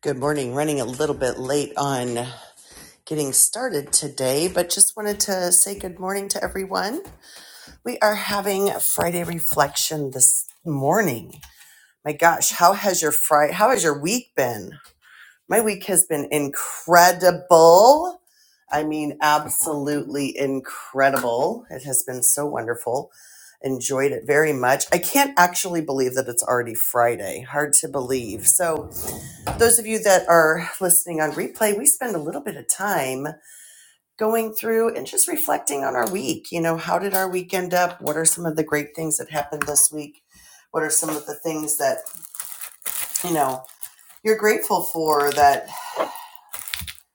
Good morning. Running a little bit late on getting started today, but just wanted to say good morning to everyone. We are having a Friday reflection this morning. My gosh, how has your Friday, how has your week been? My week has been incredible. I mean, absolutely incredible. It has been so wonderful. Enjoyed it very much. I can't actually believe that it's already Friday. Hard to believe. So, those of you that are listening on replay, we spend a little bit of time going through and just reflecting on our week. You know, how did our week end up? What are some of the great things that happened this week? What are some of the things that, you know, you're grateful for that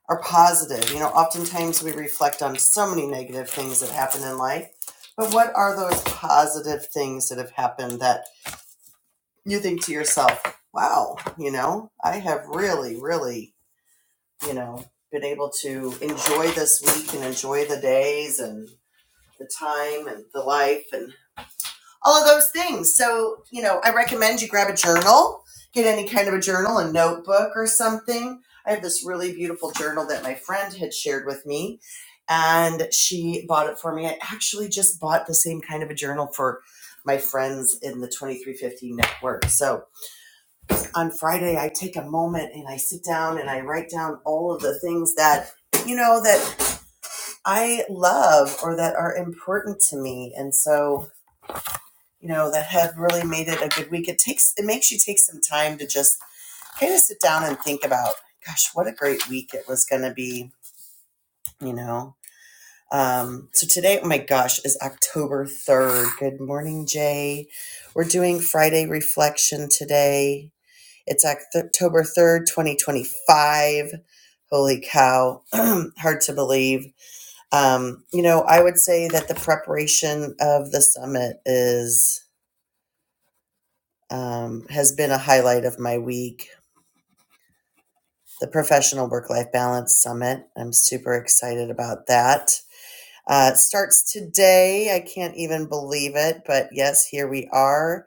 are positive? You know, oftentimes we reflect on so many negative things that happen in life, but what are those positive things that have happened that you think to yourself, wow, you know, I have really, really you know, been able to enjoy this week and enjoy the days and the time and the life and all of those things. So, you know, I recommend you grab a journal, get any kind of a journal, a notebook or something. I have this really beautiful journal that my friend had shared with me and she bought it for me. I actually just bought the same kind of a journal for my friends in the 2350 network. So, on Friday, I take a moment and I sit down and I write down all of the things that, you know, that I love or that are important to me. And so, you know, that have really made it a good week. It takes, it makes you take some time to just kind of sit down and think about, gosh, what a great week it was going to be, you know. Um, so today, oh my gosh, is October 3rd. Good morning, Jay. We're doing Friday reflection today It's October 3rd, 2025. Holy cow. Hard to believe. Um, you know, I would say that the preparation of the summit is um, has been a highlight of my week. The Professional Work Life Balance Summit. I'm super excited about that. Uh, it starts today. I can't even believe it, but yes, here we are.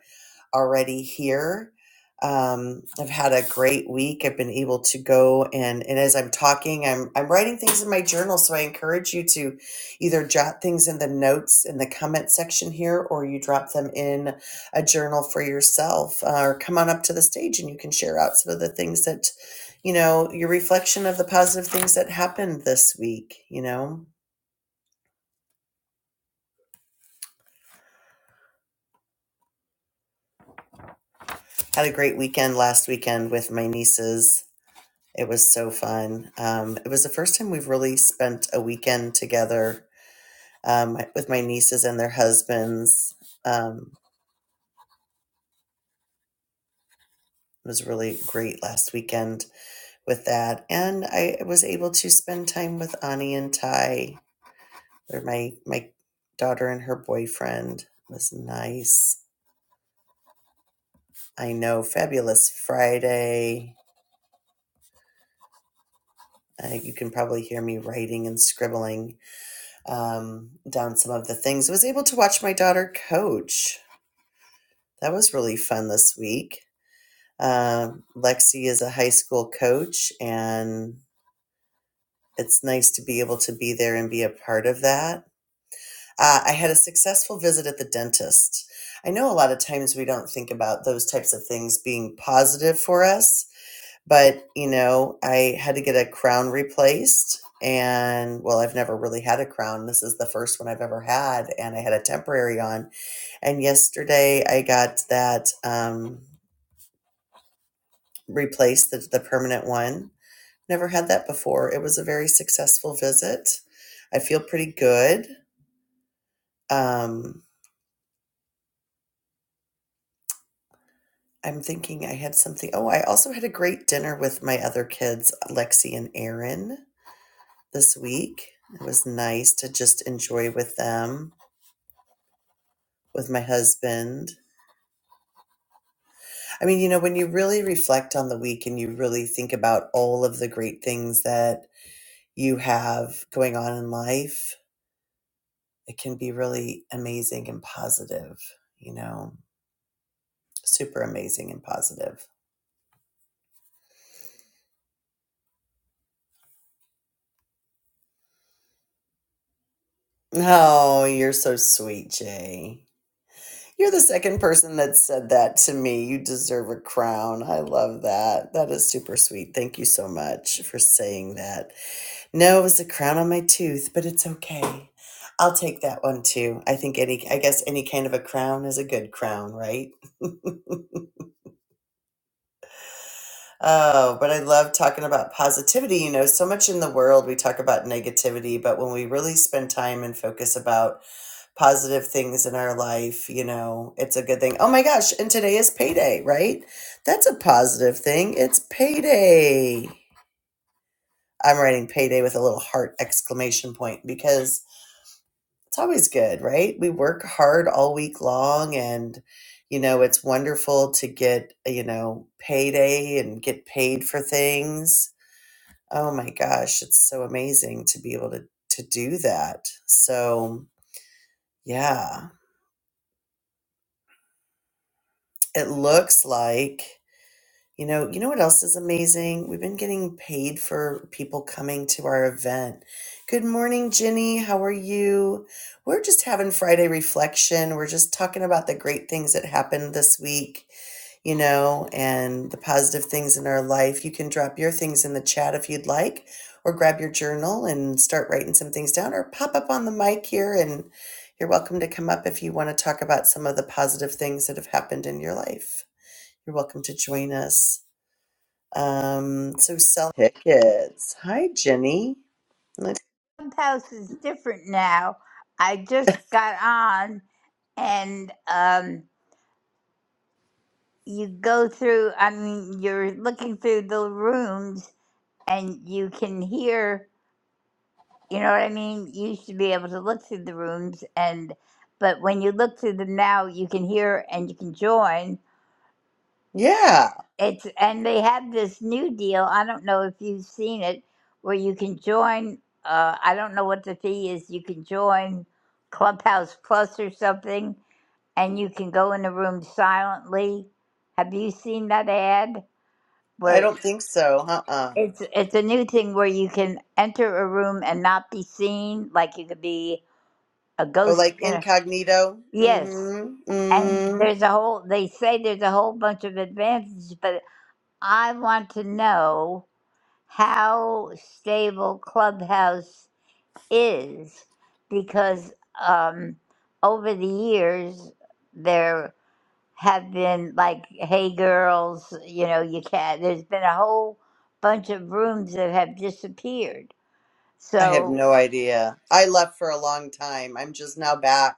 already here. Um, I've had a great week. I've been able to go and and as I'm talking, I'm I'm writing things in my journal. So I encourage you to either jot things in the notes in the comment section here, or you drop them in a journal for yourself, uh, or come on up to the stage and you can share out some of the things that you know your reflection of the positive things that happened this week. You know, had a great weekend last weekend with my nieces It was so fun. Um, it was the first time we've really spent a weekend together um, with my nieces and their husbands. Um, it was really great last weekend with that, and I was able to spend time with Ani and Ty. They're my my daughter and her boyfriend. It was nice. I know, fabulous Friday. Uh, you can probably hear me writing and scribbling um, down some of the things. I was able to watch my daughter coach That was really fun this week. Uh, Lexi is a high school coach, and it's nice to be able to be there and be a part of that. Uh, I had a successful visit at the dentist. I know a lot of times we don't think about those types of things being positive for us, but you know, I had to get a crown replaced. And well, I've never really had a crown. This is the first one I've ever had, and I had a temporary on. And yesterday I got that. Um, replace the, the permanent one. Never had that before. It was a very successful visit. I feel pretty good. Um, I'm thinking I had something. Oh, I also had a great dinner with my other kids, Lexi and Aaron, this week. It was nice to just enjoy with them, with my husband. I mean, you know, when you really reflect on the week and you really think about all of the great things that you have going on in life, it can be really amazing and positive, you know, super amazing and positive. Oh, you're so sweet, Jay. You're the second person that said that to me. You deserve a crown. I love that. That is super sweet. Thank you so much for saying that. No, it was a crown on my tooth, but it's okay. I'll take that one too. I think any I guess any kind of a crown is a good crown, right? Oh, but I love talking about positivity. You know, so much in the world we talk about negativity, but when we really spend time and focus about positive things in our life, you know, it's a good thing. Oh my gosh, and today is payday, right? That's a positive thing. It's payday. I'm writing payday with a little heart exclamation point because it's always good, right? We work hard all week long and you know, it's wonderful to get, you know, payday and get paid for things Oh my gosh, it's so amazing to be able to to do that. So, yeah, it looks like You know, you know what else is amazing? We've been getting paid for people coming to our event. Good morning, Ginny. How are you? We're just having Friday reflection. We're just talking about the great things that happened this week, you know, and the positive things in our life. You can drop your things in the chat if you'd like, or grab your journal and start writing some things down, or pop up on the mic here. And you're welcome to come up if you want to talk about some of the positive things that have happened in your life. You're welcome to join us. Um, so sell tickets. Hi, Jenny. Like, Clubhouse is different now. I just got on and um, you go through, I mean, you're looking through the rooms and you can hear, you know what I mean? You used to be able to look through the rooms and, but when you look through them now, you can hear and you can join. yeah, It's, and they have this new deal. I don't know if you've seen it where you can join. Uh, I don't know what the fee is. You can join Clubhouse Plus or something and you can go in the room silently. Have you seen that ad I where don't think so. Uh-uh. it's it's a new thing where you can enter a room and not be seen, like you could be a Oh, ghost. like in a- incognito? Yes, Mm-hmm. and Mm-hmm. there's a whole. They say there's a whole bunch of advantages, but I want to know how stable Clubhouse is because um, over the years there. have been like, hey girls, you know, you can't. There's been a whole bunch of rooms that have disappeared. I have So, no idea. I left for a long time. I'm just now back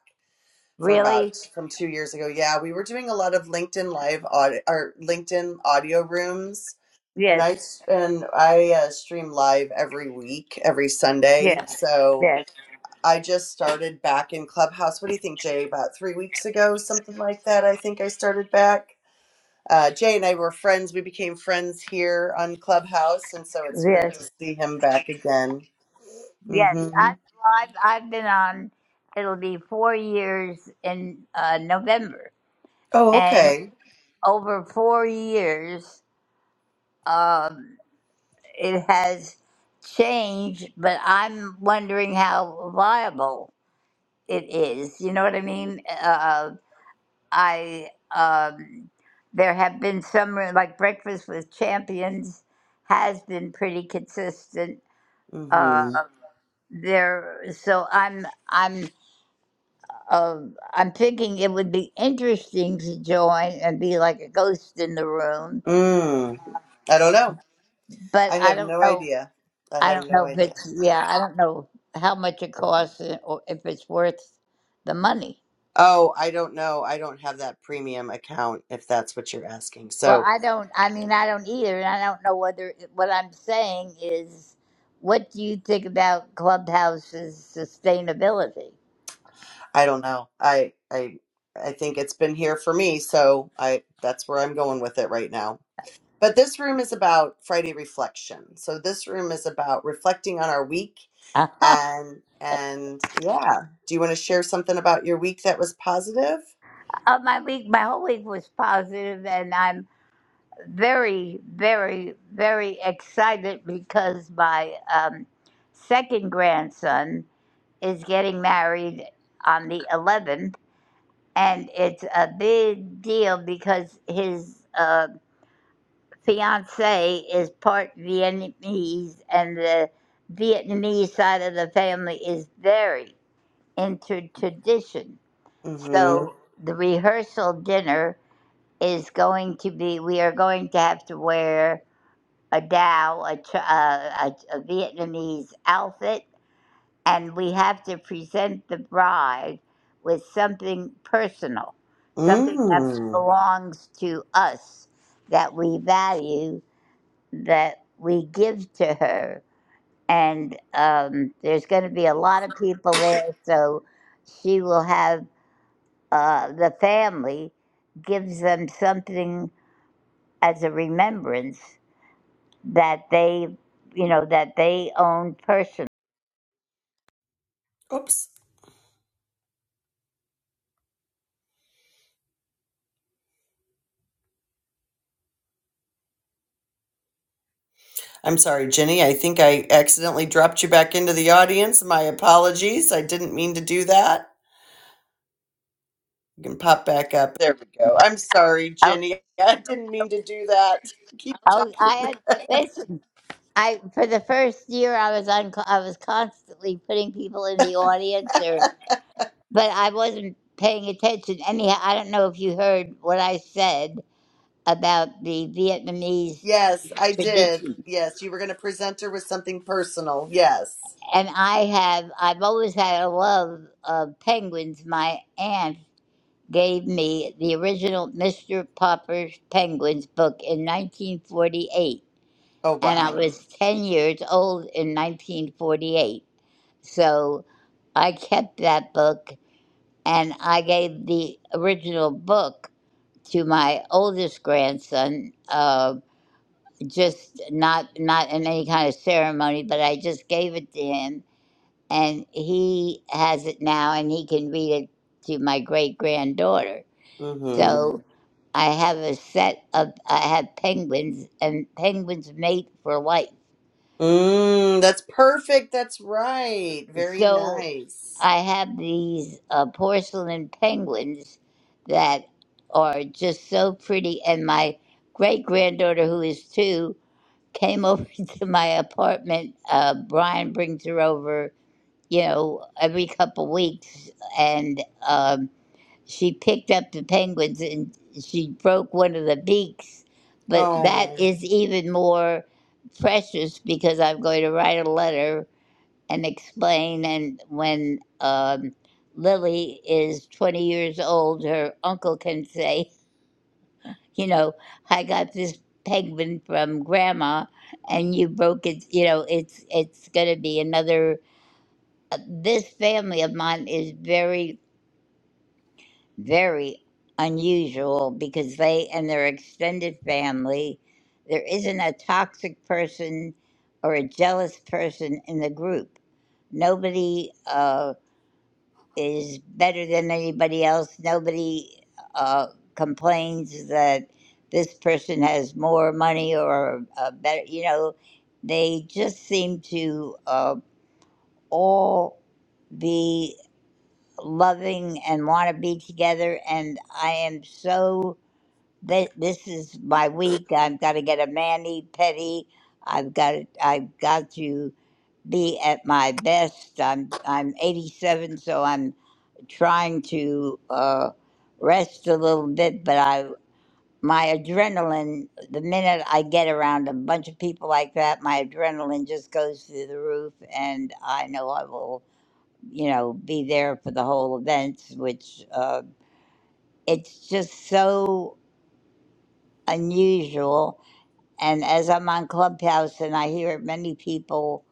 for really? about from two years ago. Yeah, we were doing a lot of LinkedIn live audio or LinkedIn audio rooms. And Yes, I s- and I uh, stream live every week, every Sunday. yes, So yes, I just started back in Clubhouse. What do you think, Jay? About three weeks ago, something like that. I think I started back. Uh, Jay and I were friends. We became friends here on Clubhouse, and so it's great to yes, see him back again. yes. I, Mm-hmm. well, I've, I've been on, it'll be four years in uh, November. Oh, And okay. over four years, um, it has changed, but I'm wondering how viable it is. You know what I mean? Uh, I um, there have been some like Breakfast with Champions has been pretty consistent. Uh, Mm-hmm. there, so I'm I'm uh, I'm thinking it would be interesting to join and be like a ghost in the room, Mm. I don't know. but I I have don't no know. idea. I I have don't no know if idea. it's yeah. I don't know how much it costs and- or if it's worth the money. Oh, I don't know. I don't have that premium account if that's what you're asking. So Well, I don't. I mean, I don't either, and I don't know whether what I'm saying is. What do you think about Clubhouse's sustainability? I don't know. I I I think it's been here for me, so I that's where I'm going with it right now. But this room is about Friday reflection. So this room is about reflecting on our week Uh, and and yeah. Do you want to share something about your week that was positive? uh, my week, my whole week was positive, and I'm very, very, very excited because my um, second grandson is getting married on the 11th, and it's a big deal because his uh, fiance is part Vietnamese, and the Vietnamese side of the family is very into tradition. Mhm. So the rehearsal dinner is going to be, we are going to have to wear a Dow, a, tr- uh, a, a Vietnamese outfit, and we have to present the bride with something personal, something that Mm. belongs to us that we value that we give to her. And um, there's going to be a lot of people there, so she will have uh, the family gives them something as a remembrance that they, you know, that they own person. Oops. I'm sorry, Jenny. I think I accidentally dropped you back into the audience. My apologies. I didn't mean to do that. You can pop back up. There we go. I'm sorry, I, Jenny. I didn't mean to do that. Keep I, I had, talking. listen, I for the first year I was on, I was constantly putting people in the audience, or but I wasn't paying attention. Anyhow, I don't know if you heard what I said about the Vietnamese Yes, I did. tradition. Yes, you were going to present her with something personal. Yes. And I have, I've always had a love of penguins. My aunt gave me the original Mr. Popper's Penguins book in 1948. Oh, And I wow. was 10 years old in 1948. So I kept that book and I gave the original book to my oldest grandson. uh, just not not in any kind of ceremony, but I just gave it to him, and he has it now, and he can read it to my great granddaughter. Mm-hmm. So I have a set of I have penguins, and penguins mate for life. Mm, that's perfect. That's right. Very So nice. I have these uh, porcelain penguins that are just so pretty, and my great granddaughter, who is two, came over to my apartment. Uh, Brian brings her over, you know, every couple weeks, and um, she picked up the penguins and she broke one of the beaks. But that Oh. is even more precious because I'm going to write a letter and explain. And when um, Lily is 20 years old, her uncle can say you know, I got this penguin from grandma and you broke it, you know, it's it's going to be another uh, this family of mine is very very unusual because they and their extended family there isn't a toxic person or a jealous person in the group. Nobody uh, is better than anybody else. Nobody uh, complains that this person has more money or a better, you know, they just seem to uh, all be loving and want to be together. And I am so, th- this is my week. I've got to get a mani pedi. I've got, I've got to be at my best. I'm I'm 87, so I'm trying to uh, rest a little bit. But I my adrenaline, the minute I get around a bunch of people like that, my adrenaline just goes through the roof, and I know I will, you know, be there for the whole events. Which uh, it's just so unusual. And as I'm on Clubhouse, and I hear many people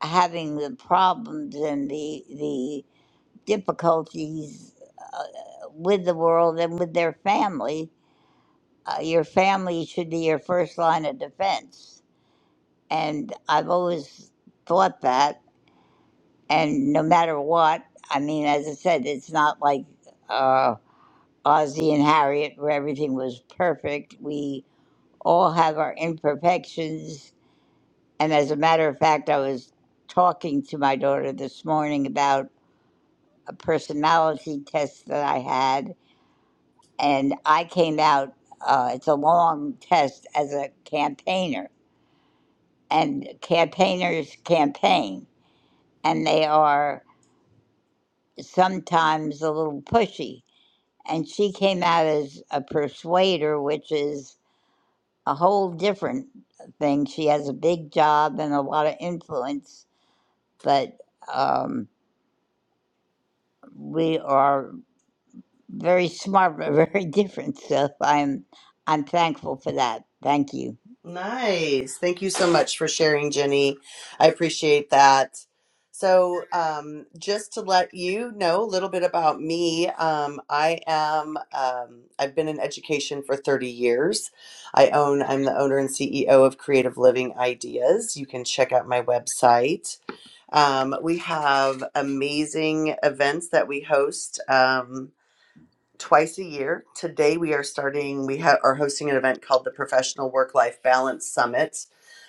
having the problems and the the difficulties uh, with the world and with their family, uh, your family should be your first line of defense. And I've always thought that. And no matter what, I mean, as I said, it's not like uh, Ozzy and Harriet where everything was perfect. We all have our imperfections. And as a matter of fact, I was talking to my daughter this morning about a personality test that I had and I came out. Uh, it's a long test as a campaigner, and campaigners campaign, and they are sometimes a little pushy. And she came out as a persuader, which is a whole different thing. She has a big job and a lot of influence, but um, we are very smart but very different. So I'm I'm thankful for that. Thank you. Nice. Thank you so much for sharing, Jenny. I appreciate that. So, um, just to let you know a little bit about me, um, I am, um, I've been in education for 30 years. I own, I'm the owner and CEO of Creative Living Ideas. You can check out my website. Um, we have amazing events that we host. Um, twice a year. Today we are starting, we ha- are hosting an event called the Professional Work Life Balance Summit.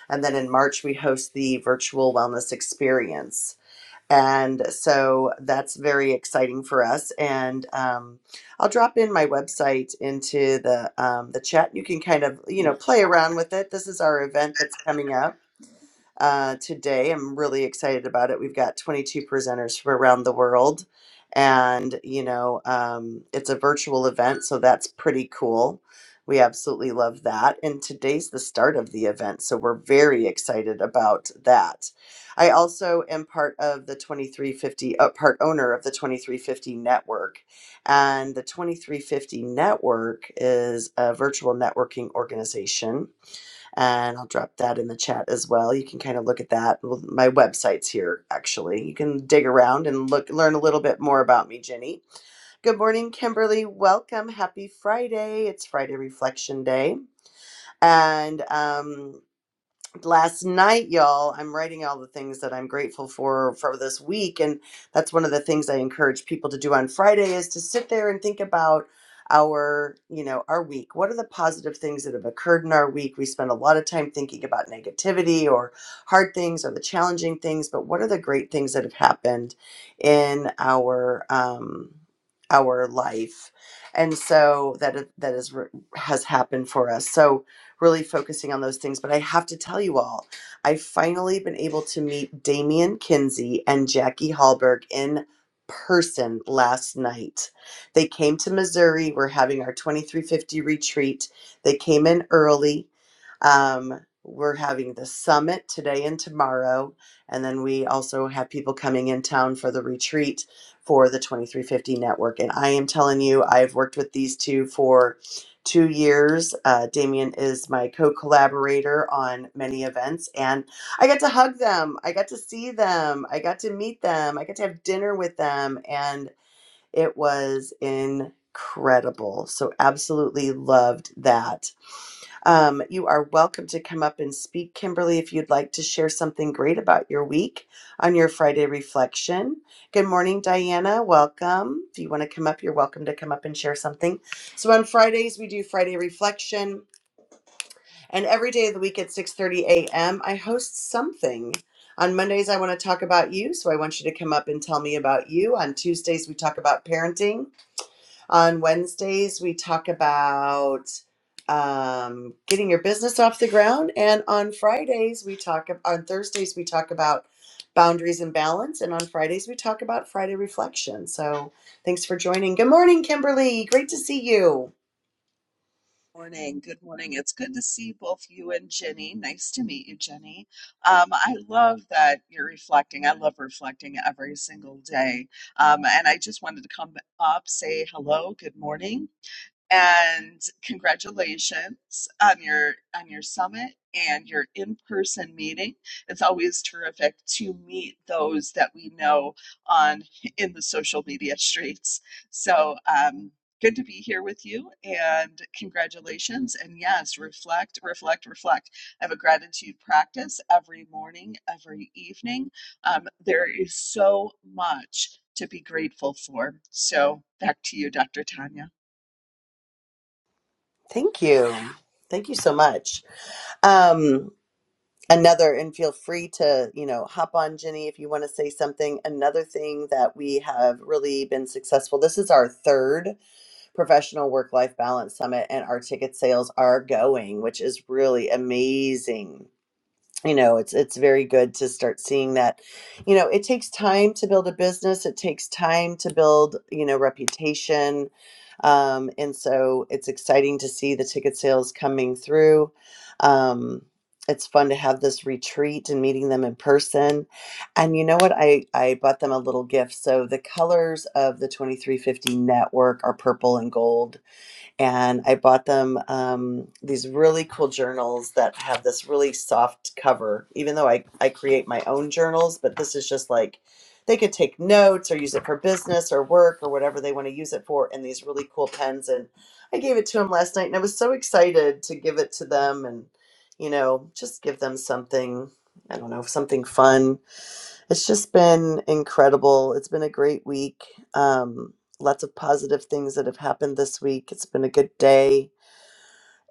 And then in March, we host the Virtual Wellness Experience. And so that's very exciting for us. And um, I'll drop in my website into the um, the chat. You can kind of you know play around with it. This is our event that's coming up uh, today. I'm really excited about it. We've got 22 presenters from around the world, and you know, um, it's a virtual event, so that's pretty cool. We absolutely love that. And today's the start of the event, so we're very excited about that. I also am part of the 2350, uh, part owner of the 2350 network. And the 2350 network is a virtual networking organization and I'll drop that in the chat as well. You can kind of look at that. Well, my website's here actually. You can dig around and look learn a little bit more about me, Jenny. Good morning, Kimberly. Welcome. Happy Friday. It's Friday Reflection Day. And um, last night y'all i'm writing all the things that i'm grateful for for this week and that's one of the things i encourage people to do on friday is to sit there and think about our you know our week what are the positive things that have occurred in our week we spend a lot of time thinking about negativity or hard things or the challenging things but what are the great things that have happened in our um our life and so that that is has happened for us so really focusing on those things. But I have to tell you all, I've finally been able to meet Damian Kinsey and Jackie Hallberg in person last night. They came to Missouri. We're having our 2350 retreat. They came in early. Um, we're having the summit today and tomorrow. And then we also have people coming in town for the retreat for the 2350 network. And I am telling you, I've worked with these two for two years. Uh, Damien is my co collaborator on many events, and I got to hug them. I got to see them. I got to meet them. I got to have dinner with them, and it was incredible. So, absolutely loved that. Um, you are welcome to come up and speak, Kimberly, if you'd like to share something great about your week on your Friday reflection. Good morning, Diana. Welcome. If you want to come up, you're welcome to come up and share something. So on Fridays, we do Friday reflection, and every day of the week at 6:30 a.m., I host something. On Mondays, I want to talk about you, so I want you to come up and tell me about you. On Tuesdays, we talk about parenting. On Wednesdays, we talk about um, getting your business off the ground. And on Fridays, we talk, ab- on Thursdays, we talk about boundaries and balance. And on Fridays, we talk about Friday reflection. So thanks for joining. Good morning, Kimberly. Great to see you. Morning. Good morning. It's good to see both you and Jenny. Nice to meet you, Jenny. Um, I love that you're reflecting. I love reflecting every single day. Um, and I just wanted to come up, say hello, good morning and congratulations on your on your summit and your in-person meeting it's always terrific to meet those that we know on in the social media streets so um good to be here with you and congratulations and yes reflect reflect reflect i have a gratitude practice every morning every evening um, there is so much to be grateful for. So back to you, Dr. Tanya. Thank you. Thank you so much. Um, another, and feel free to, you know, hop on, Jenny, if you want to say something. Another thing that we have really been successful, this is our third Professional Work Life Balance Summit, and our ticket sales are going, which is really amazing you know it's it's very good to start seeing that you know it takes time to build a business it takes time to build you know reputation um, and so it's exciting to see the ticket sales coming through um, it's fun to have this retreat and meeting them in person and you know what i i bought them a little gift so the colors of the 2350 network are purple and gold and I bought them um, these really cool journals that have this really soft cover. Even though I I create my own journals, but this is just like they could take notes or use it for business or work or whatever they want to use it for. And these really cool pens, and I gave it to them last night, and I was so excited to give it to them, and you know, just give them something. I don't know, something fun it's just been incredible. It's been a great week. Um, lots of positive things that have happened this week. It's been a good day.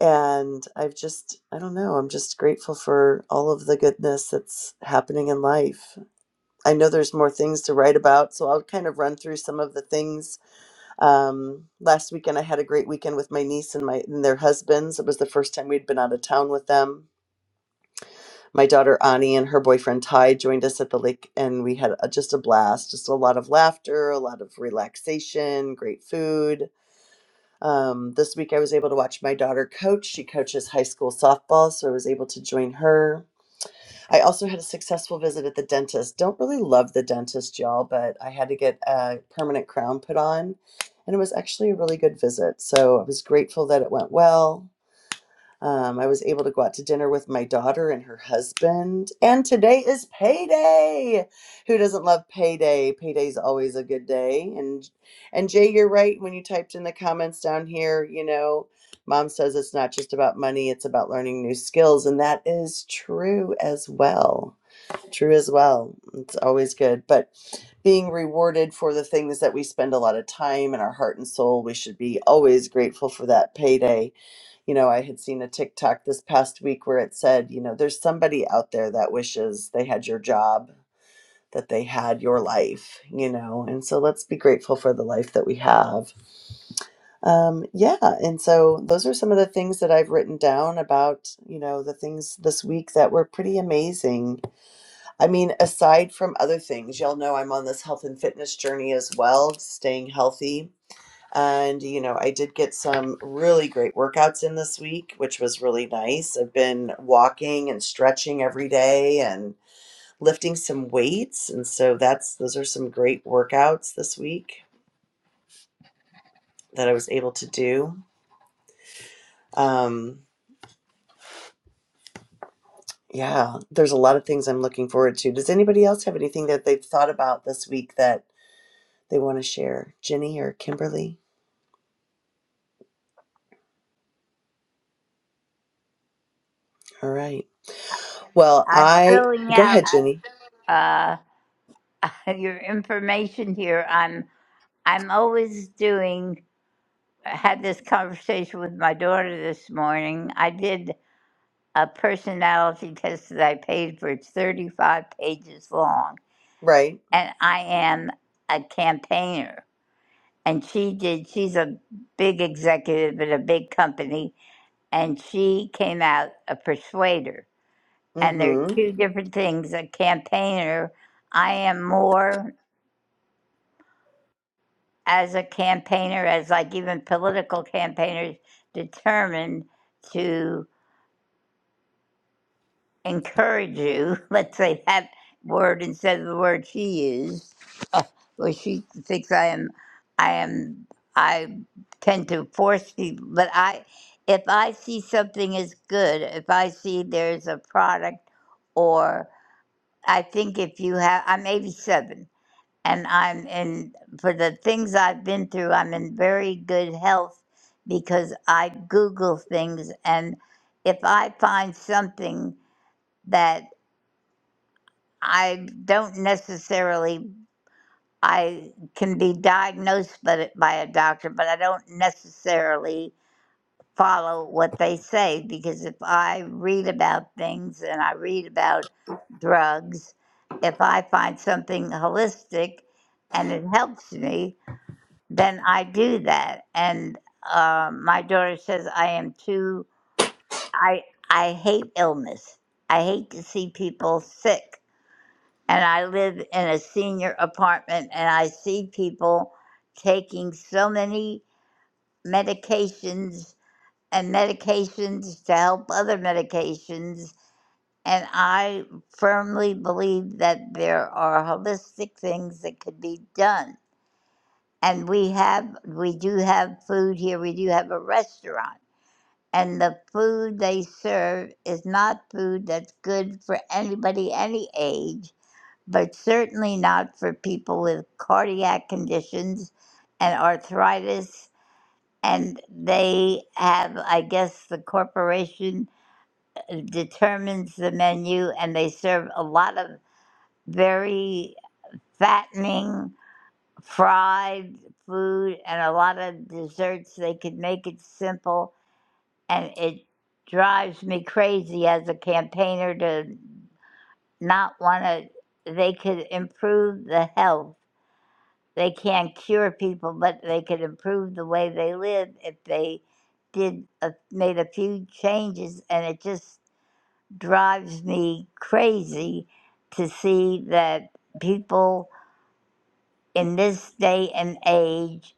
And I've just, I don't know, I'm just grateful for all of the goodness that's happening in life. I know there's more things to write about, so I'll kind of run through some of the things. Um, last weekend, I had a great weekend with my niece and my and their husbands. It was the first time we'd been out of town with them my daughter Ani and her boyfriend Ty joined us at the lake, and we had a, just a blast. Just a lot of laughter, a lot of relaxation, great food. Um, this week, I was able to watch my daughter coach. She coaches high school softball, so I was able to join her. I also had a successful visit at the dentist. Don't really love the dentist, y'all, but I had to get a permanent crown put on, and it was actually a really good visit. So I was grateful that it went well. Um, I was able to go out to dinner with my daughter and her husband. And today is payday. Who doesn't love payday? Payday's always a good day. And and Jay, you're right. When you typed in the comments down here, you know, mom says it's not just about money, it's about learning new skills. And that is true as well. True as well. It's always good. But being rewarded for the things that we spend a lot of time and our heart and soul, we should be always grateful for that payday you know, I had seen a TikTok this past week where it said, you know, there's somebody out there that wishes they had your job, that they had your life, you know, and so let's be grateful for the life that we have. Um, yeah, and so those are some of the things that I've written down about, you know, the things this week that were pretty amazing. I mean, aside from other things, y'all know I'm on this health and fitness journey as well, staying healthy and, you know, I did get some really great workouts in this week, which was really nice. I've been walking and stretching every day and lifting some weights. And so that's, those are some great workouts this week that I was able to do. Um, yeah, there's a lot of things I'm looking forward to. Does anybody else have anything that they've thought about this week that they want to share? Jenny or Kimberly? All right. Well, I'm I filling go out. ahead, Jenny. uh, your information here. I'm I'm always doing. I had this conversation with my daughter this morning. I did a personality test that I paid for. It's 35 pages long, Right. and I am a campaigner. And she did. She's a big executive at a big company, and she came out a persuader. And they're Mm-hmm. two different things. A campaigner. I am more. as a campaigner, as like even political campaigners, determined to encourage you. Let's say that word instead of the word she used, uh, where she thinks I am, I am, I tend to force people. But I, if I see something is good, if I see there's a product, or I think if you have, I'm 87. and I'm in for the things I've been through. I'm in very good health because I Google things, and if I find something that I don't necessarily I can be diagnosed by, the- by a doctor, but I don't necessarily follow what they say because if I read about things and I read about drugs, if I find something holistic and it helps me, then I do that. And uh, my daughter says I am too. I I hate illness. I hate to see people sick. And I live in a senior apartment, and I see people taking so many medications and medications to help other medications. And I firmly believe that there are holistic things that could be done and we have we do have food here we do have a restaurant and the food they serve is not food that's good for anybody any age but certainly not for people with cardiac conditions and arthritis and they have i guess the corporation determines the menu and they serve a lot of very fattening fried food and a lot of desserts. They could make it simple, and it drives me crazy as a campaigner to not want to. They could improve the health. They can't cure people, but they could improve the way they live if they did a, made a few changes, and it just drives me crazy to see that people in this day and age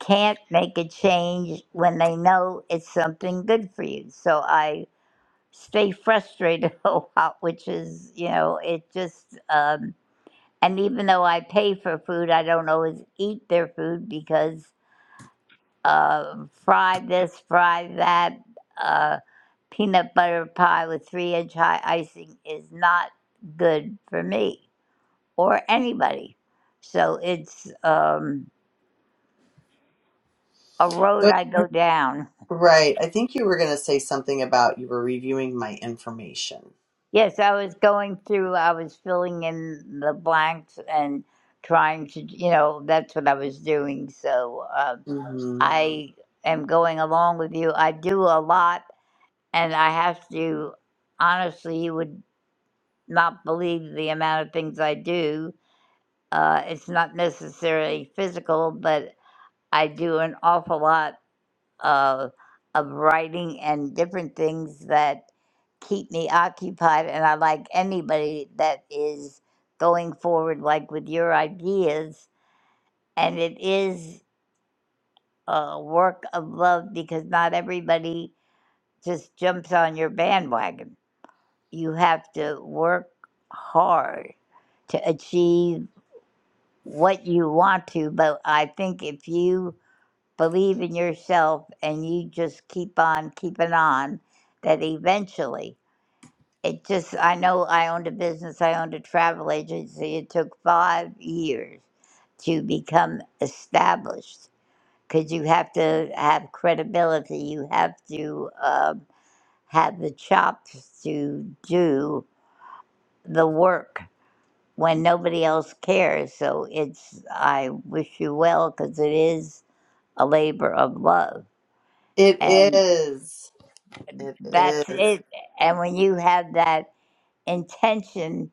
can't make a change when they know it's something good for you. So I stay frustrated a lot, which is, you know, it just, um, and even though I pay for food, I don't always eat their food because uh, fry this, fry that, uh, peanut butter pie with three inch high icing is not good for me or anybody. So it's, um, a road I go down. Right. I think you were going to say something about you were reviewing my information. Yes, I was going through, I was filling in the blanks and trying to, you know, that's what I was doing. So uh, Mhm. I am going along with you. I do a lot, and I have to, honestly, you would not believe the amount of things I do. Uh, it's not necessarily physical, but I do an awful lot of of writing and different things that keep me occupied and I like anybody that is going forward like with your ideas and it is a work of love because not everybody just jumps on your bandwagon. You have to work hard to achieve what you want to, but I think if you believe in yourself and you just keep on keeping on that eventually it just i know i owned a business i owned a travel agency it took five years to become established because you have to have credibility you have to um have the chops to do the work when nobody else cares so it's i wish you well because it is a labor of love It and. is. It That's is. it. And when you have that intention,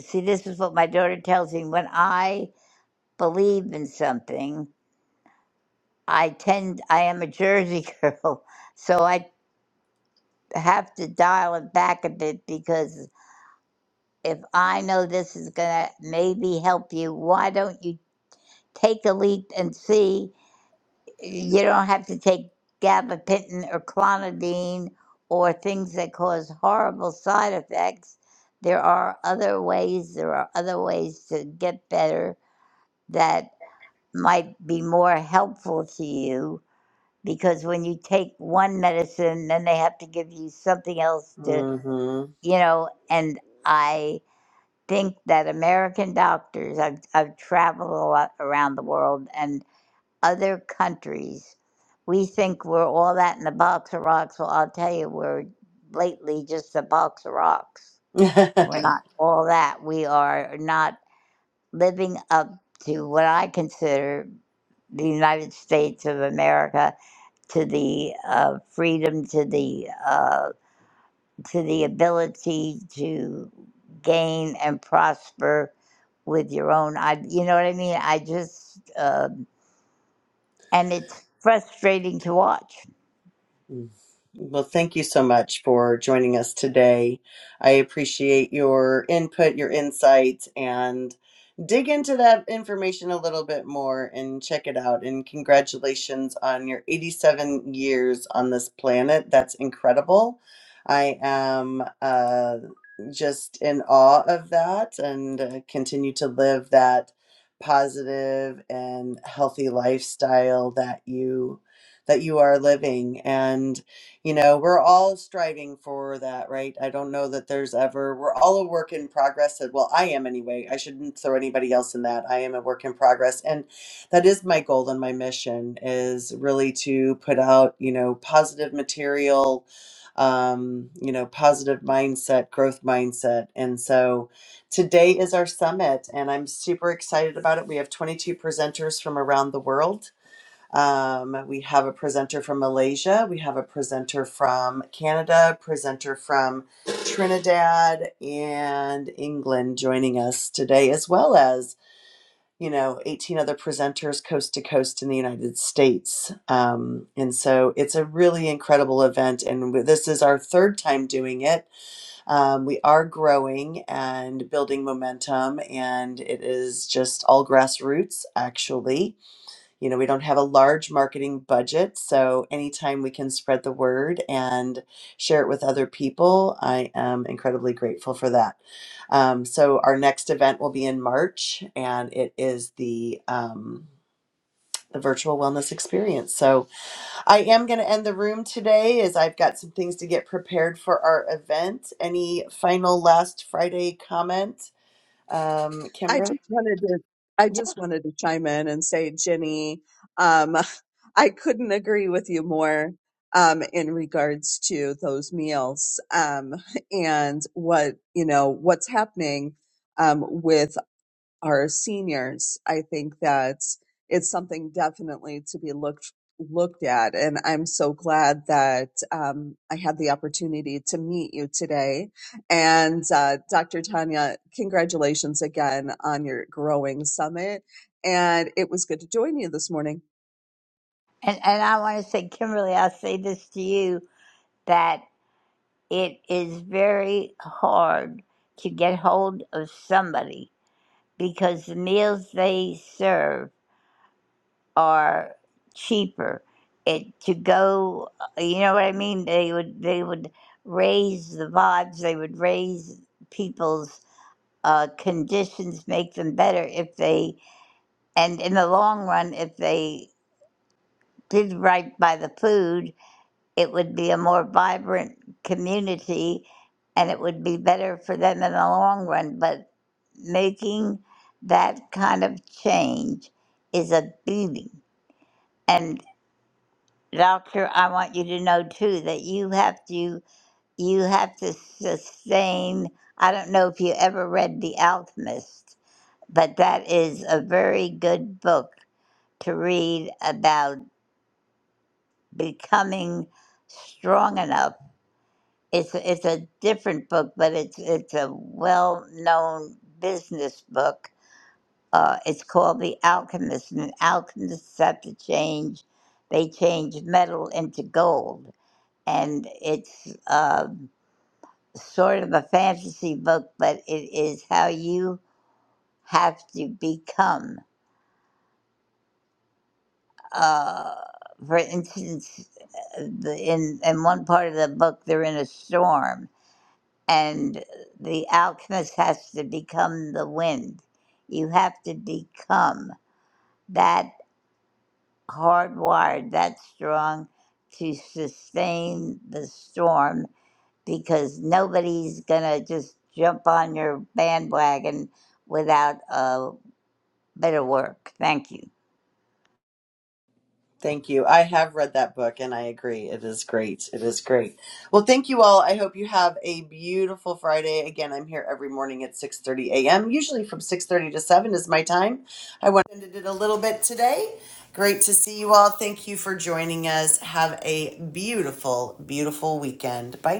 see, this is what my daughter tells me. When I believe in something, I tend, I am a Jersey girl. So I have to dial it back a bit because if I know this is going to maybe help you, why don't you take a leap and see? you don't have to take gabapentin or clonidine or things that cause horrible side effects. There are other ways, there are other ways to get better that might be more helpful to you because when you take one medicine, then they have to give you something else to, Mm-hmm. you know, and I think that American doctors, I've, I've traveled a lot around the world and other countries, we think we're all that in a box of rocks. Well, I'll tell you, we're lately just a box of rocks. We're not all that. We are not living up to what I consider the United States of America, to the uh, freedom, to the uh, to the ability to gain and prosper with your own. I, you know what I mean. I just uh, and it's frustrating to watch. Mm. Well, thank you so much for joining us today. I appreciate your input, your insights, and dig into that information a little bit more and check it out. And congratulations on your 87 years on this planet. That's incredible. I am uh, just in awe of that and uh, continue to live that positive and healthy lifestyle that you that you are living. And, you know, we're all striving for that, right? I don't know that there's ever, we're all a work in progress. and- Well, I am anyway. I shouldn't throw anybody else in that. I am a work in progress. And that is my goal and my mission is really to put out, you know, positive material um you know positive mindset growth mindset and so today is our summit and i'm super excited about it we have 22 presenters from around the world um, we have a presenter from Malaysia, we have a presenter from Canada, presenter from Trinidad and England joining us today, as well as you know 18 other presenters coast to coast in the United States. Um, and so it's a really incredible event, and this is our third time doing it. Um, we are growing and building momentum, and it is just all grassroots actually you know, we don't have a large marketing budget, so anytime we can spread the word and share it with other people, I am incredibly grateful for that. Um, so our next event will be in March, and it is the um, the virtual wellness experience. So I am going to end the room today, as I've got some things to get prepared for our event. Any final last Friday comment, um, I Kimberly? just wanted to I just wanted to chime in and say, Jenny, um, I couldn't agree with you more um, in regards to those meals um, and what you know what's happening um, with. are seniors, I think that it's something definitely to be looked looked at. And I'm so glad that um, I had the opportunity to meet you today. And uh, Dr. Tanya, congratulations again on your growing summit. And it was good to join you this morning. And and I want to say, Kimberly, I'll say this to you that it is very hard to get hold of somebody because the meals they serve are cheaper. It to go, uh, you know what I mean? They would they would raise the vibes. They would raise people's uh, conditions, make them better if they, and in the long run, if they did right by the food it would be a more vibrant community and it would be better for them in the long run. But making that kind of change is a beating. And doctor, I want you to know too that you have to you have to sustain I don't know if you ever read The Alchemist, but that is a very good book to read about becoming strong enough It's it's a different book, but it's it's a well-known business book. Uh, it's called The Alchemist, and alchemists have to change. They change metal into gold, and it's uh, sort of a fantasy book, but it is how you have to become. Uh, for instance, uh, the, in in one part of the book, they're in a storm, and the alchemist has to become the wind. You have to become that hardwired, that strong to sustain the storm because nobody's going to just jump on your bandwagon without a bit of work. Thank you. Thank you. I have read that book and I agree. It is great. It is great. Well, thank you all. I hope you have a beautiful Friday. Again, I'm here every morning at 6:30 a.m. Usually from 6:30 to 7 is my time. I went and it a little bit today. Great to see you all. Thank you for joining us. Have a beautiful, beautiful weekend. Bye.